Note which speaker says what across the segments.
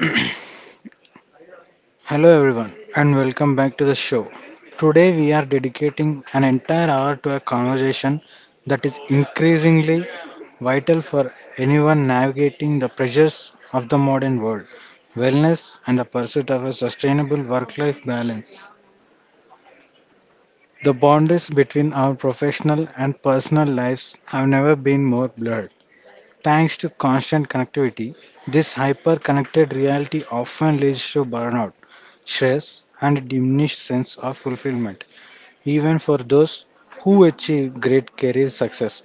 Speaker 1: Hello, everyone, and welcome back to the show. Today, we are dedicating an entire hour to a conversation that is increasingly vital for anyone navigating the pressures of the modern world, wellness and the pursuit of a sustainable work life balance. The boundaries between our professional and personal lives have never been more blurred. Thanks to constant connectivity, this hyper connected reality often leads to burnout, stress, and diminished sense of fulfillment, even for those who achieve great career success.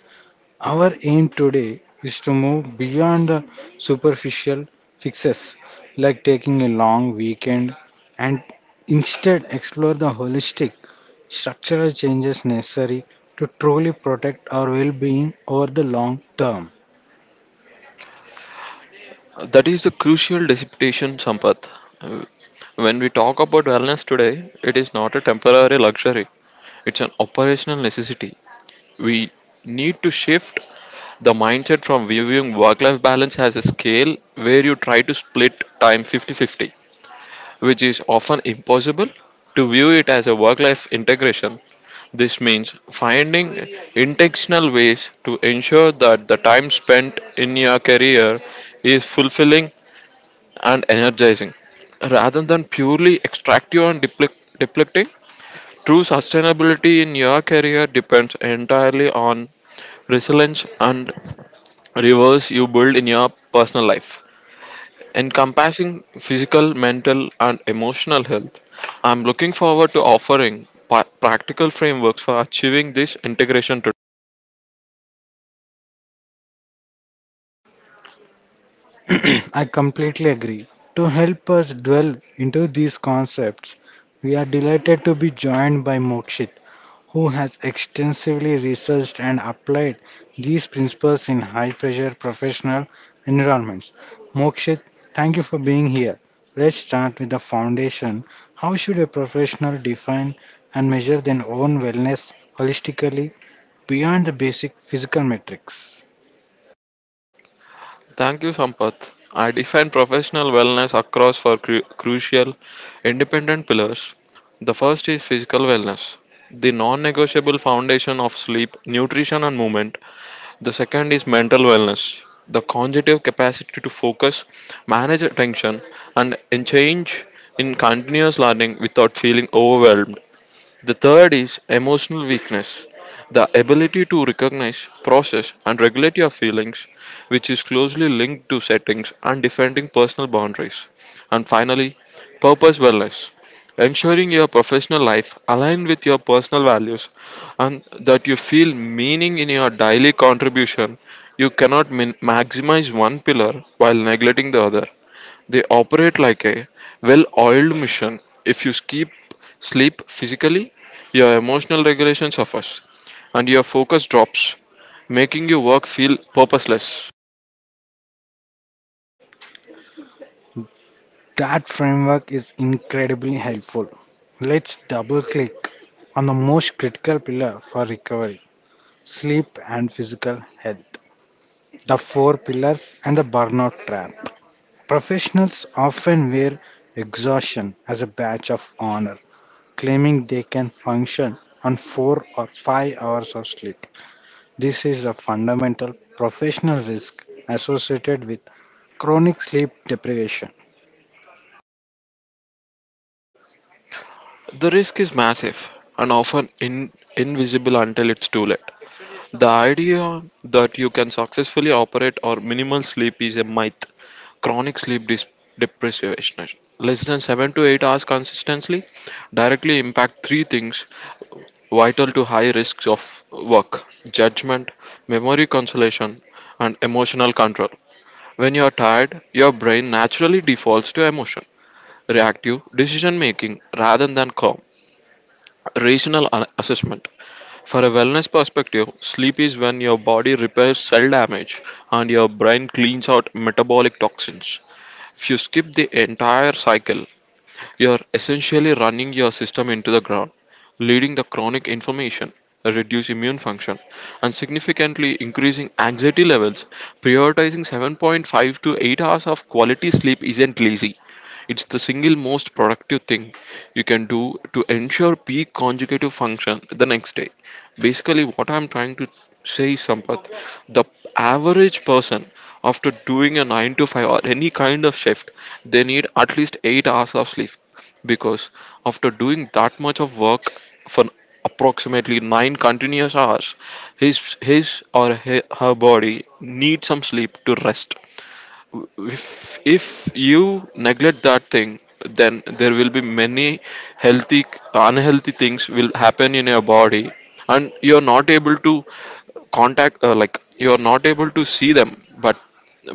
Speaker 1: Our aim today is to move beyond the superficial fixes like taking a long weekend, and instead explore the holistic structural changes necessary to truly protect our well being over the long term.
Speaker 2: That is the crucial dissertation, Sampath. When we talk about wellness today, it is not a temporary luxury, it's an operational necessity. We need to shift the mindset from viewing work life balance as a scale where you try to split time 50/50, which is often impossible, to view it as a work life integration. This means finding intentional ways to ensure that the time spent in your career is fulfilling and energizing rather than purely extractive and depleting. True sustainability in your career depends entirely on resilience and reverse you build in your personal life. Encompassing physical, mental, and emotional health, I'm looking forward to offering practical frameworks for achieving this integration today.
Speaker 1: I completely agree. To help us dwell into these concepts, we are delighted to be joined by Mokshit, who has extensively researched and applied these principles in high pressure professional environments. Mokshit, thank you for being here. Let's start with the foundation. How should a professional define and measure their own wellness holistically beyond the basic physical metrics?
Speaker 2: Thank you, Sampath. I define professional wellness across four crucial independent pillars. The first is physical wellness, the non negotiable foundation of sleep, nutrition, and movement. The second is mental wellness, the cognitive capacity to focus, manage attention, and change in continuous learning without feeling overwhelmed. The third is emotional weakness, the ability to recognize, process, and regulate your feelings, which is closely linked to settings and defending personal boundaries. And finally, purpose wellness, ensuring your professional life aligns with your personal values and that you feel meaning in your daily contribution. You cannot maximize one pillar while neglecting the other. They operate like a well oiled machine. If you skip sleep physically, your emotional regulation suffers and your focus drops, making your work feel purposeless.
Speaker 1: That framework is incredibly helpful. Let's double click on the most critical pillar for recovery, sleep and physical health, the four pillars, and the burnout trap. Professionals often wear exhaustion as a badge of honor, claiming they can function on 4 or 5 hours of sleep. This is a fundamental professional risk associated with chronic sleep deprivation.
Speaker 2: The risk is massive and often invisible until it's too late. The idea that you can successfully operate or minimal sleep is a myth. Chronic deprivation, less than 7 to 8 hours consistently, directly impact three things vital to high risks of work, judgment, memory consolation, and emotional control. When you are tired, your brain naturally defaults to emotion, reactive decision making rather than calm, rational assessment. For a wellness perspective, sleep is when your body repairs cell damage and your brain cleans out metabolic toxins. If you skip the entire cycle, you are essentially running your system into the ground, leading the chronic inflammation, reduced immune function, and significantly increasing anxiety levels. Prioritizing 7.5 to 8 hours of quality sleep isn't lazy. It's the single most productive thing you can do to ensure peak conjugative function the next day. Basically, what I'm trying to say is, Sampath, the average person, after doing a 9 to 5 or any kind of shift, they need at least 8 hours of sleep. Because after doing that much of work for approximately 9 continuous hours, his or her body needs some sleep to rest. If you neglect that thing, then there will be many healthy unhealthy things will happen in your body, and you're not able to contact like you're not able to see them, but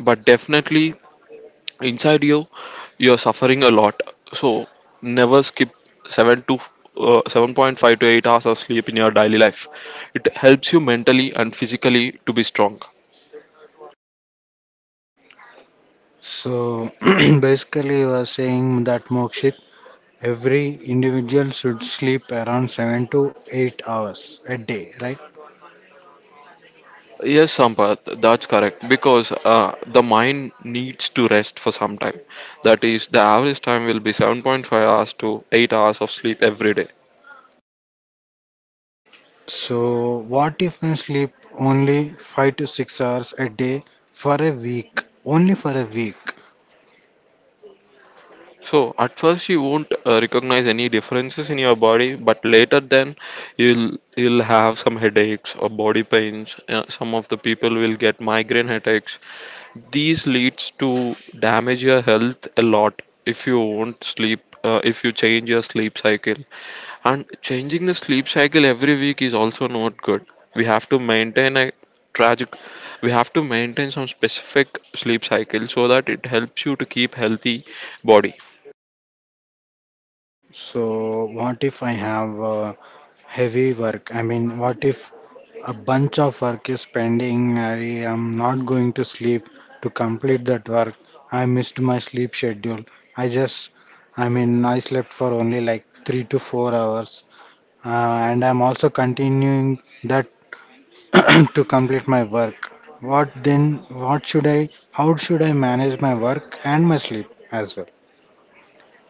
Speaker 2: but definitely inside you you're suffering a lot. So never skip 7 to 7.5 to 8 hours of sleep in your daily life. It helps you mentally and physically to be strong.
Speaker 1: So basically, you are saying that Mokshit, every individual should sleep around 7 to 8 hours a day, right?
Speaker 2: Yes, Sampath, that's correct. Because the mind needs to rest for some time. That is, the average time will be 7.5 hours to 8 hours of sleep every day.
Speaker 1: So, what if I sleep only 5 to 6 hours a day for a week? Only for a week.
Speaker 2: So at first you won't recognize any differences in your body, but later then you'll have some headaches or body pains. Some of the people will get migraine headaches. These leads to damage your health a lot if you won't sleep. If you change your sleep cycle, and changing the sleep cycle every week is also not good. We have to maintain a tragic. We have to maintain some specific sleep cycle so that it helps you to keep healthy body.
Speaker 1: So, what if I have heavy work? I mean, what if a bunch of work is pending. I am not going to sleep to complete that work. I missed my sleep schedule. I just, I mean, I slept for only like 3 to 4 hours. And I'm also continuing that to complete my work. What then? How should I manage my work and my sleep as well?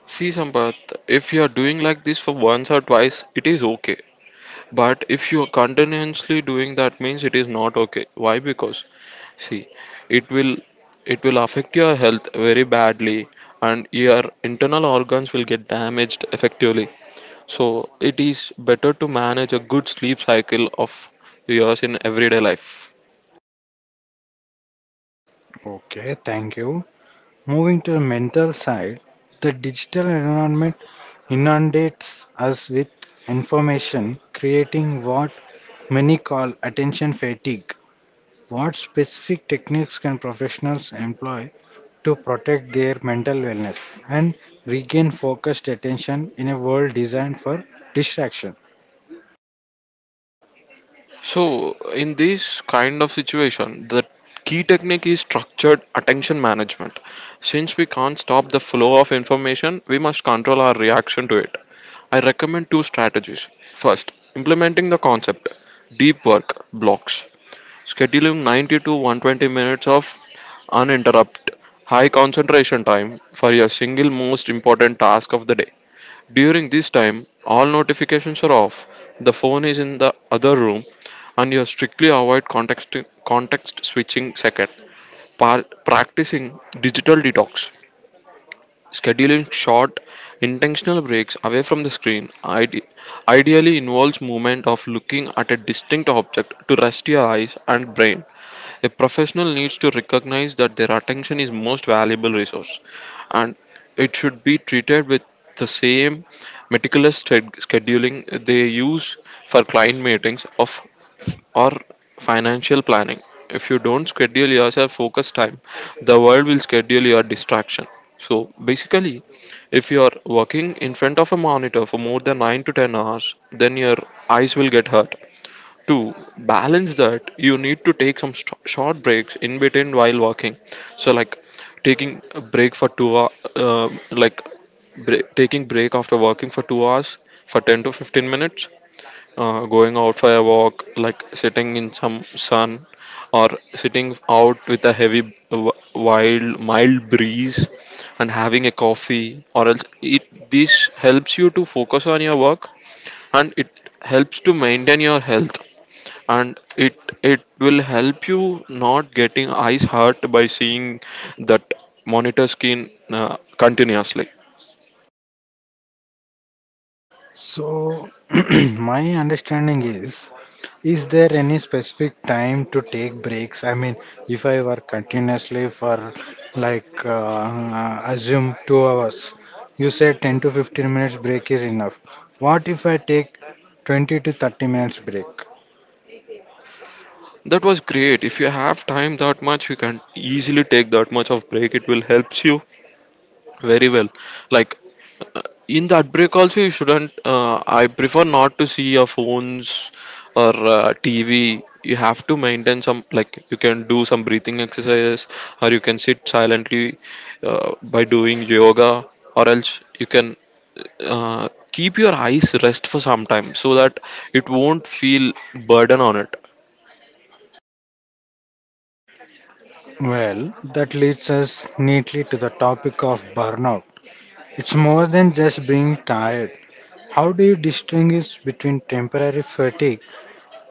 Speaker 2: See, Sampath, if you are doing like this for once or twice, it is okay. But if you are continuously doing that means it is not okay. Why? Because see, it will it will affect your health very badly and your internal organs will get damaged effectively. So it is better to manage a good sleep cycle of yours in everyday life.
Speaker 1: Okay, thank you. Moving to the mental side, the digital environment inundates us with information, creating what many call attention fatigue. What specific techniques can professionals employ to protect their mental wellness and regain focused attention in a world designed for distraction?
Speaker 2: So, in this kind of situation, the key technique is structured attention management. Since we can't stop the flow of information, we must control our reaction to it. I recommend two strategies. First, implementing the concept deep work blocks, scheduling 90 to 120 minutes of uninterrupted high concentration time for your single most important task of the day. During this time, all notifications are off, the phone is in the other room, and you strictly avoid context switching second. Practicing digital detox, scheduling short, intentional breaks away from the screen ideally involves movement of looking at a distinct object to rest your eyes and brain. A professional needs to recognize that their attention is most valuable resource and it should be treated with the same meticulous scheduling they use for client meetings of or financial planning. If you don't schedule yourself focus time, the world will schedule your distraction. So basically, if you are working in front of a monitor for more than 9 to 10 hours, then your eyes will get hurt. To balance that, you need to take some short breaks in between while walking. So like taking a break for 2 hours like break, taking break after walking for 2 hours for 10 to 15 minutes. Going out for a walk like sitting in some sun or sitting out with a heavy wild mild breeze and having a coffee, or else it this helps you to focus on your work, and it helps to maintain your health, and it will help you not getting eyes hurt by seeing that monitor screen continuously.
Speaker 1: So, my understanding is there any specific time to take breaks? I mean, if I work continuously for like, uh, assume 2 hours, you said 10 to 15 minutes break is enough. What if I take 20 to 30 minutes break?
Speaker 2: That was great. If you have time that much, you can easily take that much of break. It will helps you very well. Like in that break also, you shouldn't I prefer not to see your phones or tv. You have to maintain some like you can do some breathing exercises or you can sit silently by doing yoga, or else you can keep your eyes rest for some time so that it won't feel burden on it.
Speaker 1: Well, that leads us neatly to the topic of burnout. It's more than just being tired. How do you distinguish between temporary fatigue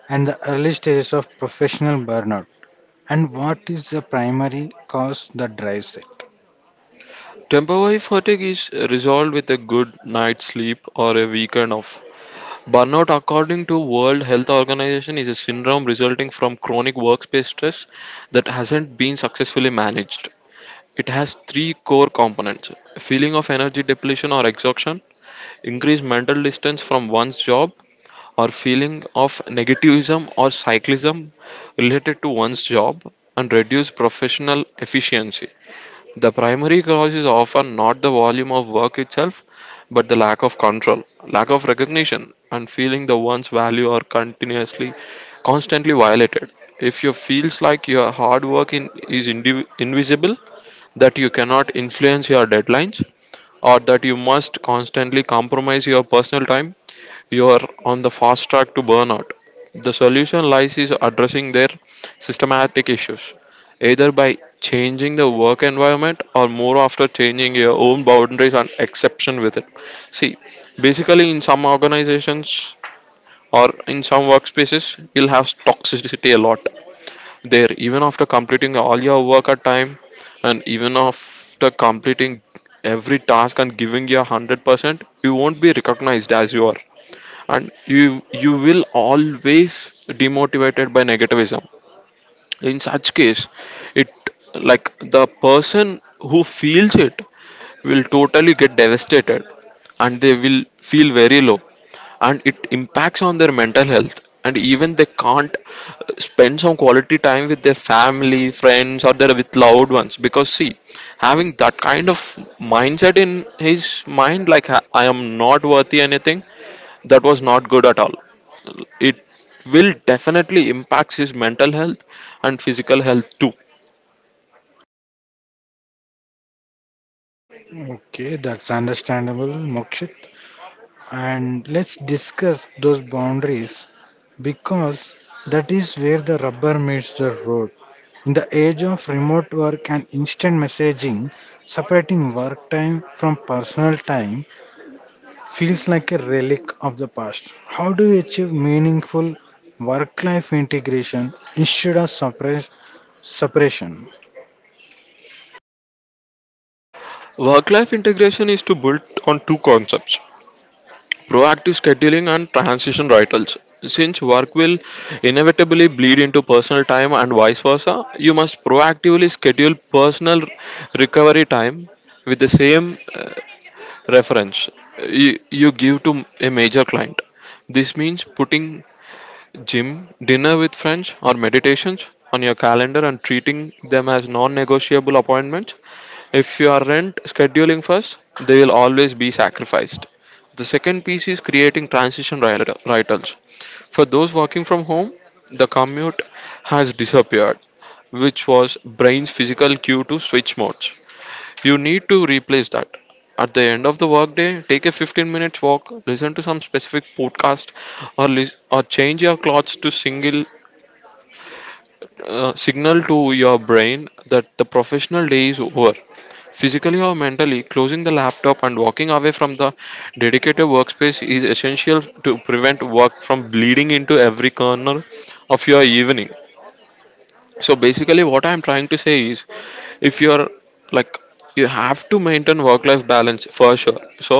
Speaker 1: and the early stages of professional burnout, and what is the primary cause that drives it?
Speaker 2: Temporary fatigue is resolved with a good night's sleep or a weekend off. Burnout, according to World Health Organization, is a syndrome resulting from chronic workspace stress that hasn't been successfully managed. It has three core components: feeling of energy depletion or exhaustion, increased mental distance from one's job, or feeling of negativism or cyclism related to one's job, and reduced professional efficiency. The primary cause is often not the volume of work itself, but the lack of control, lack of recognition, and feeling the one's value are continuously, constantly violated. If you feels like your hard work is invisible, that you cannot influence your deadlines, or that you must constantly compromise your personal time, you are on the fast track to burnout. The solution lies is addressing their systematic issues, either by changing the work environment or more after changing your own boundaries and exception with it. See, basically in some organizations or in some workspaces, you'll have toxicity a lot there even after completing all your work at time, and even after completing every task and giving your 100% you won't be recognized as you are, and you will always demotivated by negativism. In such case it like the person who feels it will totally get devastated, and they will feel very low, and it impacts on their mental health, and even they can't spend some quality time with their family friends or their with loved ones, because see, having that kind of mindset in his mind like I am not worthy anything, that was not good at all. It will definitely impact his mental health and physical health too.
Speaker 1: Okay, that's understandable, Mokshit. And let's discuss those boundaries because that is where the rubber meets the road. In the age of remote work and instant messaging, separating work time from personal time feels like a relic of the past. How do you achieve meaningful work life integration instead of separation?
Speaker 2: Work life integration is to build on two concepts proactive scheduling and transition rituals. Since work will inevitably bleed into personal time and vice versa, you must proactively schedule personal recovery time with the same reference you give to a major client. This means putting Gym, dinner with friends, or meditations on your calendar and treating them as non negotiable appointments. If you are rent scheduling first, they will always be sacrificed. The second piece is creating transition rituals. For those working from home, the commute has disappeared, which was brain's physical cue to switch modes. You need to replace that. At the end of the workday, take a 15 minutes walk, listen to some specific podcast, or, or change your clothes to single, signal to your brain that the professional day is over. Physically or mentally, closing the laptop and walking away from the dedicated workspace is essential to prevent work from bleeding into every corner of your evening. So basically what I'm trying to say is, if you're like you have to maintain work life balance for sure. So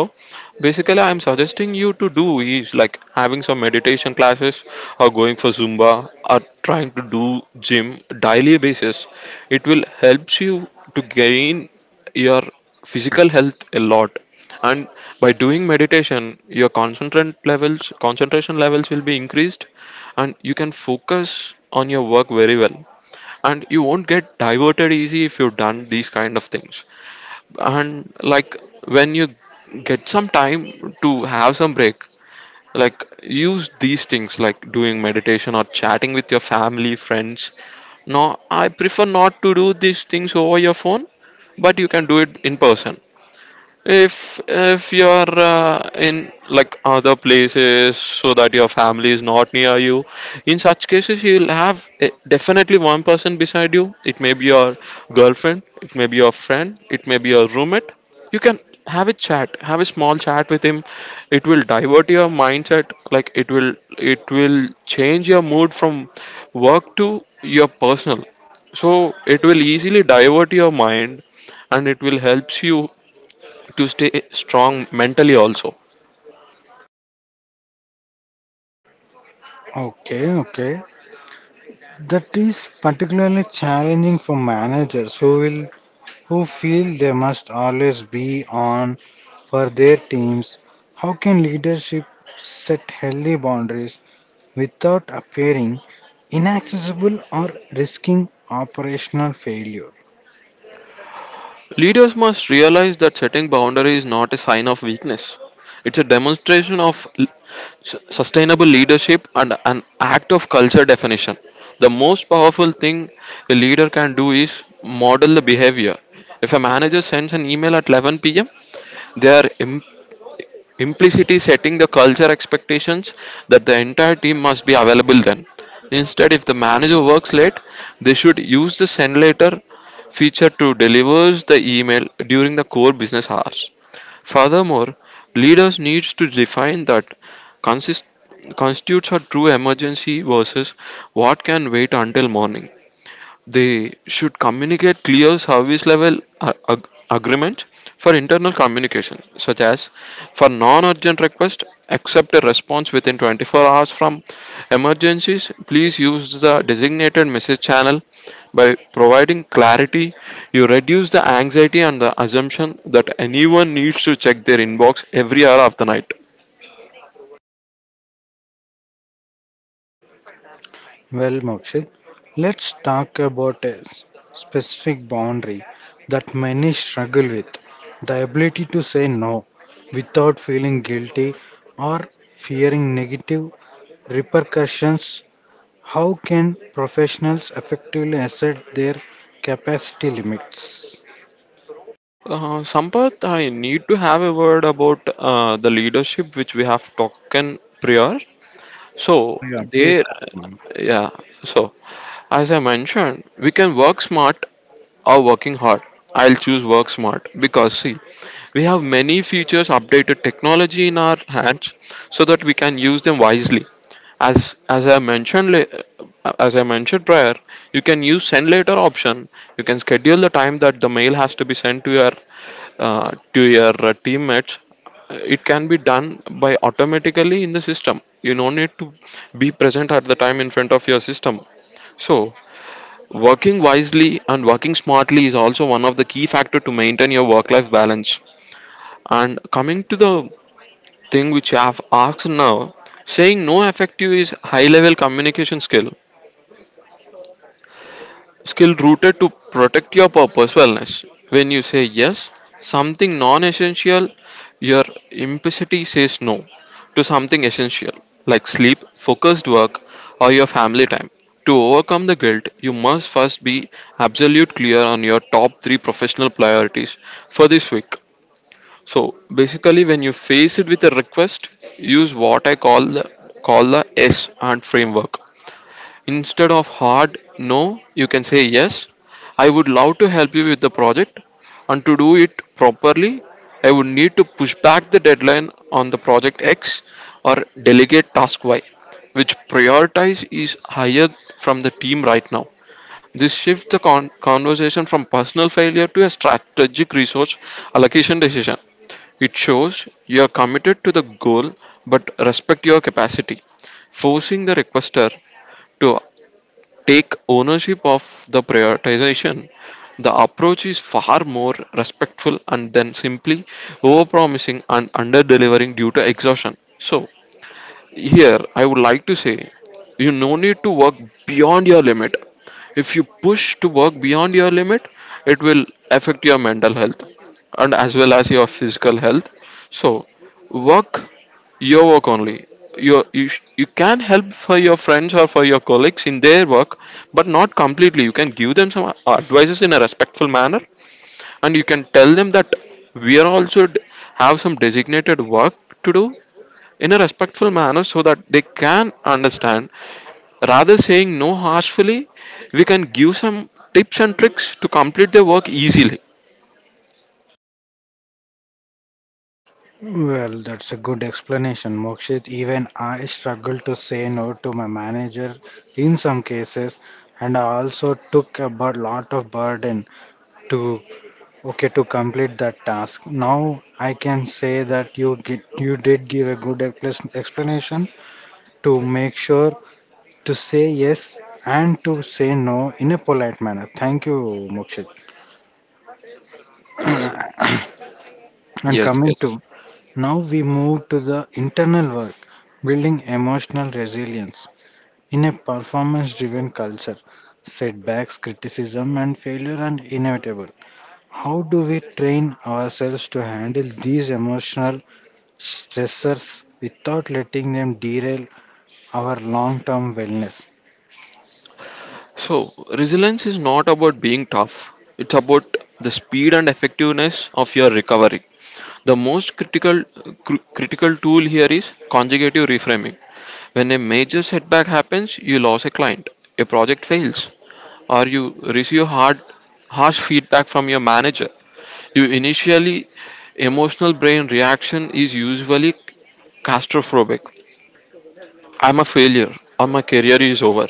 Speaker 2: basically I'm suggesting you to do is having some meditation classes, or going for zumba, or trying to do gym daily basis. It will helps you to gain your physical health a lot, and by doing meditation your concentration levels will be increased, and you can focus on your work very well, and you won't get diverted easy if you've done these kind of things. And when you get some time to have some break, like use these things like doing meditation or chatting with your family friends. Now I prefer not to do these things over your phone, but you can do it in person. If you're in other places, so that your family is not near you, in such cases you'll have definitely one person beside you. It may be your girlfriend, it may be your friend, it may be your roommate. You can have a chat, have a small chat with him. It will divert your mindset. It will change your mood from work to your personal, so it will easily divert your mind, and it will helps you to stay strong mentally also.
Speaker 1: Okay, okay. That is particularly challenging for managers who feel they must always be on for their teams. How can leadership set healthy boundaries without appearing inaccessible or risking operational failure?
Speaker 2: Leaders must realize that setting boundaries is not a sign of weakness. It's a demonstration of l- sustainable leadership and an act of culture definition. The most powerful thing a leader can do is model the behavior. If a manager sends an email at 11 p.m., they are implicitly setting the culture expectations that the entire team must be available then. Instead, if the manager works late, they should use the send later feature to deliver the email during the core business hours. Furthermore, leaders needs to define that consist- constitutes a true emergency versus what can wait until morning. They should communicate clear service level agreements for internal communication, such as, for non-urgent request accept a response within 24 hours. From emergencies, please use the designated message channel. By providing clarity, you reduce the anxiety and the assumption that anyone needs to check their inbox every hour of the night.
Speaker 1: Well, Mokshit, let's talk about a specific boundary that many struggle with, the ability to say no without feeling guilty or fearing negative repercussions. How can professionals effectively assert their capacity limits?
Speaker 2: Sampath, I need to have a word about the leadership which we have talked in prior.
Speaker 1: Yeah,
Speaker 2: So
Speaker 1: yeah, please
Speaker 2: there,
Speaker 1: continue.
Speaker 2: yeah. So as I mentioned, we can work smart or working hard. I'll choose work smart, because see, we have many features, updated technology in our hands, so that we can use them wisely. As I mentioned, as I mentioned prior, you can use send later option. You can schedule the time that the mail has to be sent to your teammates. It can be done by automatically in the system. You no need to be present at the time in front of your system. So working wisely and working smartly is also one of the key factor to maintain your work life balance. And coming to the thing which you have asked now, saying no effective is high level communication skill, skill rooted to protect your purpose wellness. When you say yes something non-essential, your implicity says no to something essential, like sleep, focused work, or your family time. To overcome the guilt, you must first be absolute clear on your top 3 professional priorities for this week. So basically when you face it with a request, use what I call the s and framework. Instead of hard no, you can say yes. I would love to help you with the project, and to do it properly, I would need to push back the deadline on the project X, or delegate task Y, which prioritize is higher from the team right now. This shifts the conversation from personal failure to a strategic resource allocation decision. It shows you are committed to the goal but respect your capacity. Forcing the requester to take ownership of the prioritization. The approach is far more respectful and than simply overpromising and under delivering due to exhaustion. So here I would like to say you no need to work beyond your limit. If you push to work beyond your limit, it will affect your mental health and as well as your physical health. So work your work only. You you can help for your friends or for your colleagues in their work, but not completely. You can give them some advices in a respectful manner, and you can tell them that we are also have some designated work to do in a respectful manner, so that they can understand. Rather saying no harshly, we can give some tips and tricks to complete their work easily.
Speaker 1: Well, that's a good explanation, Mokshit. Even I struggle to say no to my manager in some cases, and I also took a lot of burden to okay to complete that task. Now I can say that you did give a good explanation to make sure to say yes and to say no in a polite manner. Thank you, Mokshit.
Speaker 2: Uh,
Speaker 1: And
Speaker 2: yes,
Speaker 1: coming
Speaker 2: yes.
Speaker 1: to now, we move to the internal work, building emotional resilience. In a performance driven culture, setbacks, criticism, and failure are inevitable. How do we train ourselves to handle these emotional stressors without letting them derail our long term wellness?
Speaker 2: So resilience is not about being tough. It's about the speed and effectiveness of your recovery. The most critical critical tool here is conjugative reframing. When a major setback happens, you lose a client, a project fails, or you receive harsh feedback from your manager. You initially emotional brain reaction is usually catastrophic. I'm a failure, or my career is over.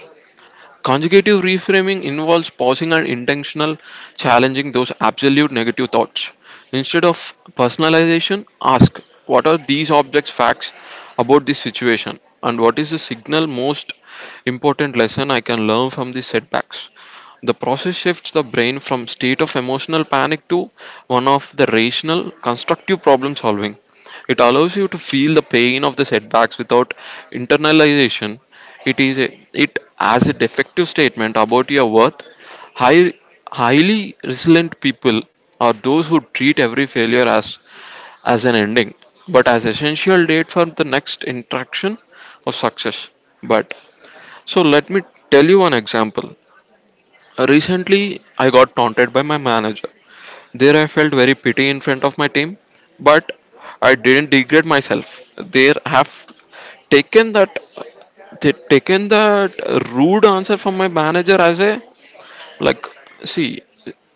Speaker 2: Consecutive reframing involves pausing and intentional challenging those absolute negative thoughts. Instead of personalization, ask what are these objects facts about this situation, and what is the signal most important lesson I can learn from these setbacks. The process shifts the brain from state of emotional panic to one of the rational, constructive problem solving. It allows you to feel the pain of the setbacks without internalization. It is a, it as a defective statement about your worth. High, highly resilient people are those who treat every failure as an ending, but as essential date for the next interaction of success. But so let me tell you one example. Recently, I got taunted by my manager. There, I felt very pity in front of my team, but I didn't degrade myself. There, have taken that they taken that rude answer from my manager as a like. See,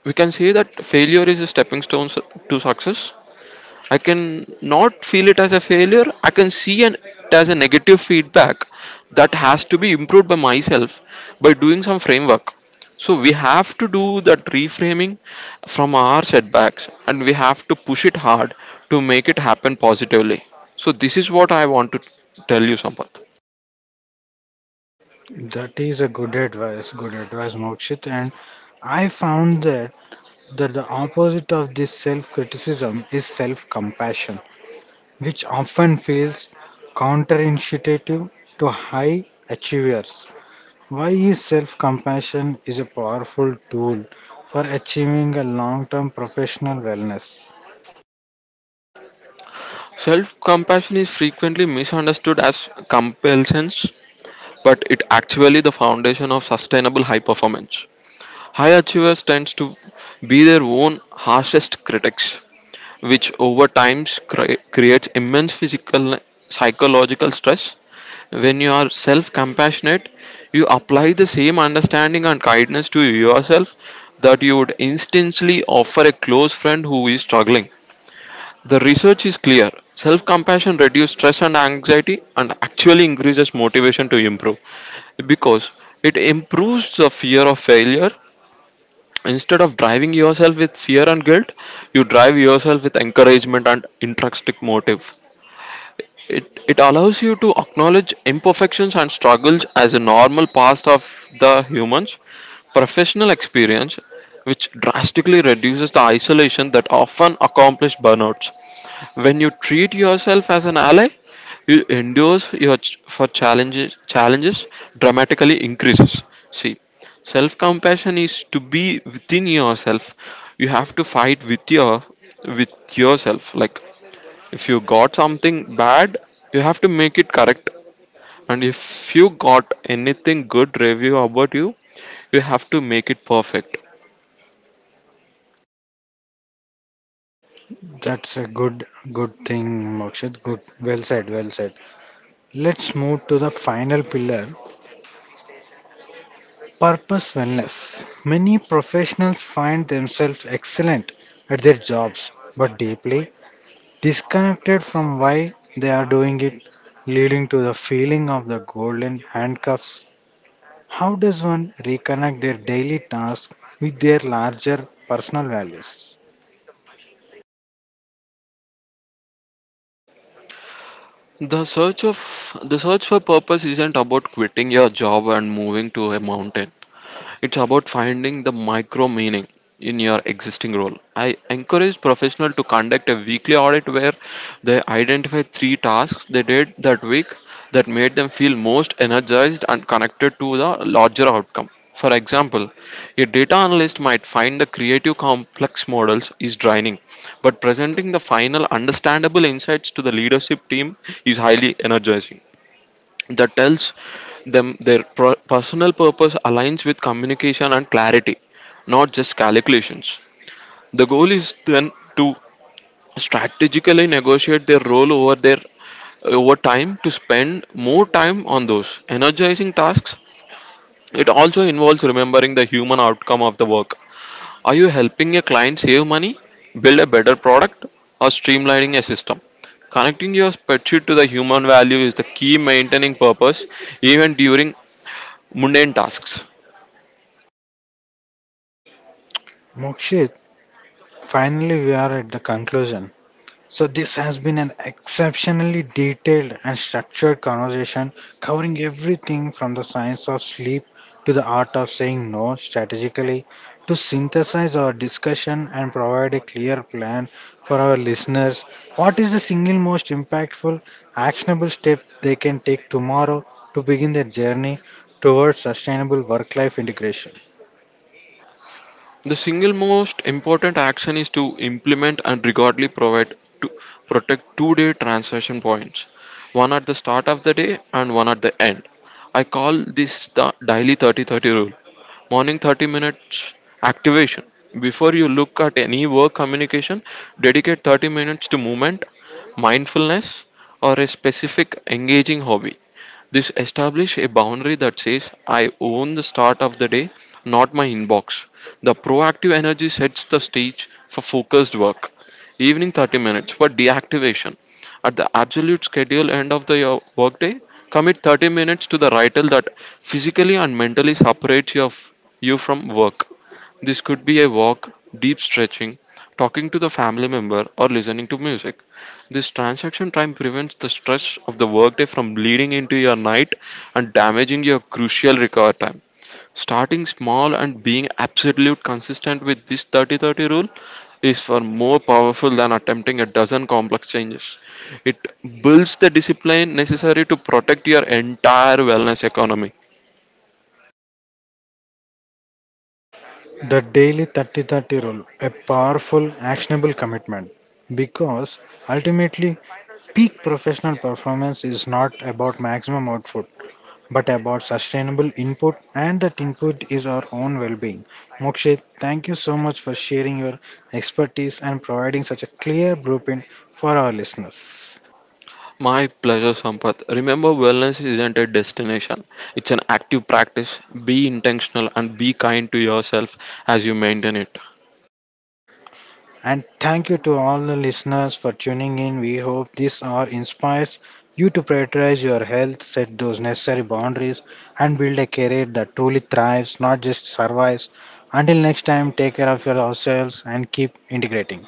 Speaker 2: we can say that failure is a stepping stone to success. I can not feel it as a failure. I can see it as a negative feedback that has to be improved by myself by doing some framework. So we have to do that reframing from our setbacks, and we have to push it hard to make it happen positively. So this is what I want to tell you, Sampath.
Speaker 1: That is a good advice, Mokshit. And I found that the opposite of this self criticism is self compassion, which often feels counterintuitive to high achievers. Why is self compassion is a powerful tool for achieving a long term professional wellness?
Speaker 2: Self compassion is frequently misunderstood as compulsions, but it actually the foundation of sustainable high performance. High achievers tends to be their own harshest critics, which over time creates immense physical psychological stress. When you are self-compassionate, you apply the same understanding and kindness to yourself that you would instantly offer a close friend who is struggling. The research is clear. Self compassion reduces stress and anxiety, and actually increases motivation to improve, because it improves the fear of failure. Instead of driving yourself with fear and guilt, you drive yourself with encouragement and intrinsic motive. It allows you to acknowledge imperfections and struggles as a normal part of the human's professional experience, which drastically reduces the isolation that often accompanies burnouts. When you treat yourself as an ally, you endures your for challenges dramatically increases. See, self compassion is to be within yourself. You have to fight with your with yourself. Like if you got something bad, you have to make it correct. And if you got anything good review about you, you have to make it perfect.
Speaker 1: That's a good Good thing, Mokshit. Good, well said, well said. Let's move to the final pillar. Purpose wellness. Many professionals find themselves excellent at their jobs, but deeply disconnected from why they are doing it, leading to the feeling of the golden handcuffs. How does one reconnect their daily tasks with their larger personal values?
Speaker 2: The search of the search for purpose isn't about quitting your job and moving to a mountain. It's about finding the micro meaning in your existing role. I encourage professionals to conduct a weekly audit, where they identify 3 tasks they did that week that made them feel most energized and connected to the larger outcome. For example, a data analyst might find the creative complex models is draining, but presenting the final understandable insights to the leadership team is highly energizing. That tells them their personal purpose aligns with communication and clarity, not just calculations. The goal is then to strategically negotiate their role over their over time to spend more time on those energizing tasks. It also involves remembering the human outcome of the work. Are you helping a client save money, build a better product, or streamlining a system? Connecting your spreadsheet to the human value is the key maintaining purpose even during mundane tasks.
Speaker 1: Mokshit, finally we are at the conclusion. So, this has been an exceptionally detailed and structured conversation covering everything from the science of sleep to the art of saying no strategically. To synthesize our discussion and provide a clear plan for our listeners, what is the single most impactful, actionable step they can take tomorrow to begin their journey towards sustainable work life integration?
Speaker 2: The single most important action is to implement and regularly provide to protect two-day transaction points, one at the start of the day and one at the end. I call this the daily 30-30 rule. Morning 30 minutes activation. Before you look at any work communication, dedicate 30 minutes to movement, mindfulness, or a specific engaging hobby. This establishes a boundary that says, I own the start of the day, not my inbox. The proactive energy sets the stage for focused work. Evening 30 minutes for deactivation. At the absolute schedule end of the workday, commit 30 minutes to the ritual that physically and mentally separates you from work. This could be a walk, deep stretching, talking to the family member, or listening to music. This transaction time prevents the stress of the workday from bleeding into your night and damaging your crucial recover time. Starting small and being absolute consistent with this 30-30 rule is far more powerful than attempting a dozen complex changes. It builds the discipline necessary to protect your entire wellness economy.
Speaker 1: The daily 30 30 rule, a powerful, actionable commitment, because ultimately, peak professional performance is not about maximum output but about sustainable input, and that input is our own well being. Mokshit, thank you so much for sharing your expertise and providing such a clear blueprint for our listeners.
Speaker 2: My pleasure, Sampath. Remember, wellness isn't a destination, it's an active practice. Be intentional and be kind to yourself as you maintain it.
Speaker 1: And thank you to all the listeners for tuning in. We hope this hour inspires you to prioritize your health, set those necessary boundaries, and build a career that truly thrives, not just survives. Until next time, take care of yourselves and keep integrating.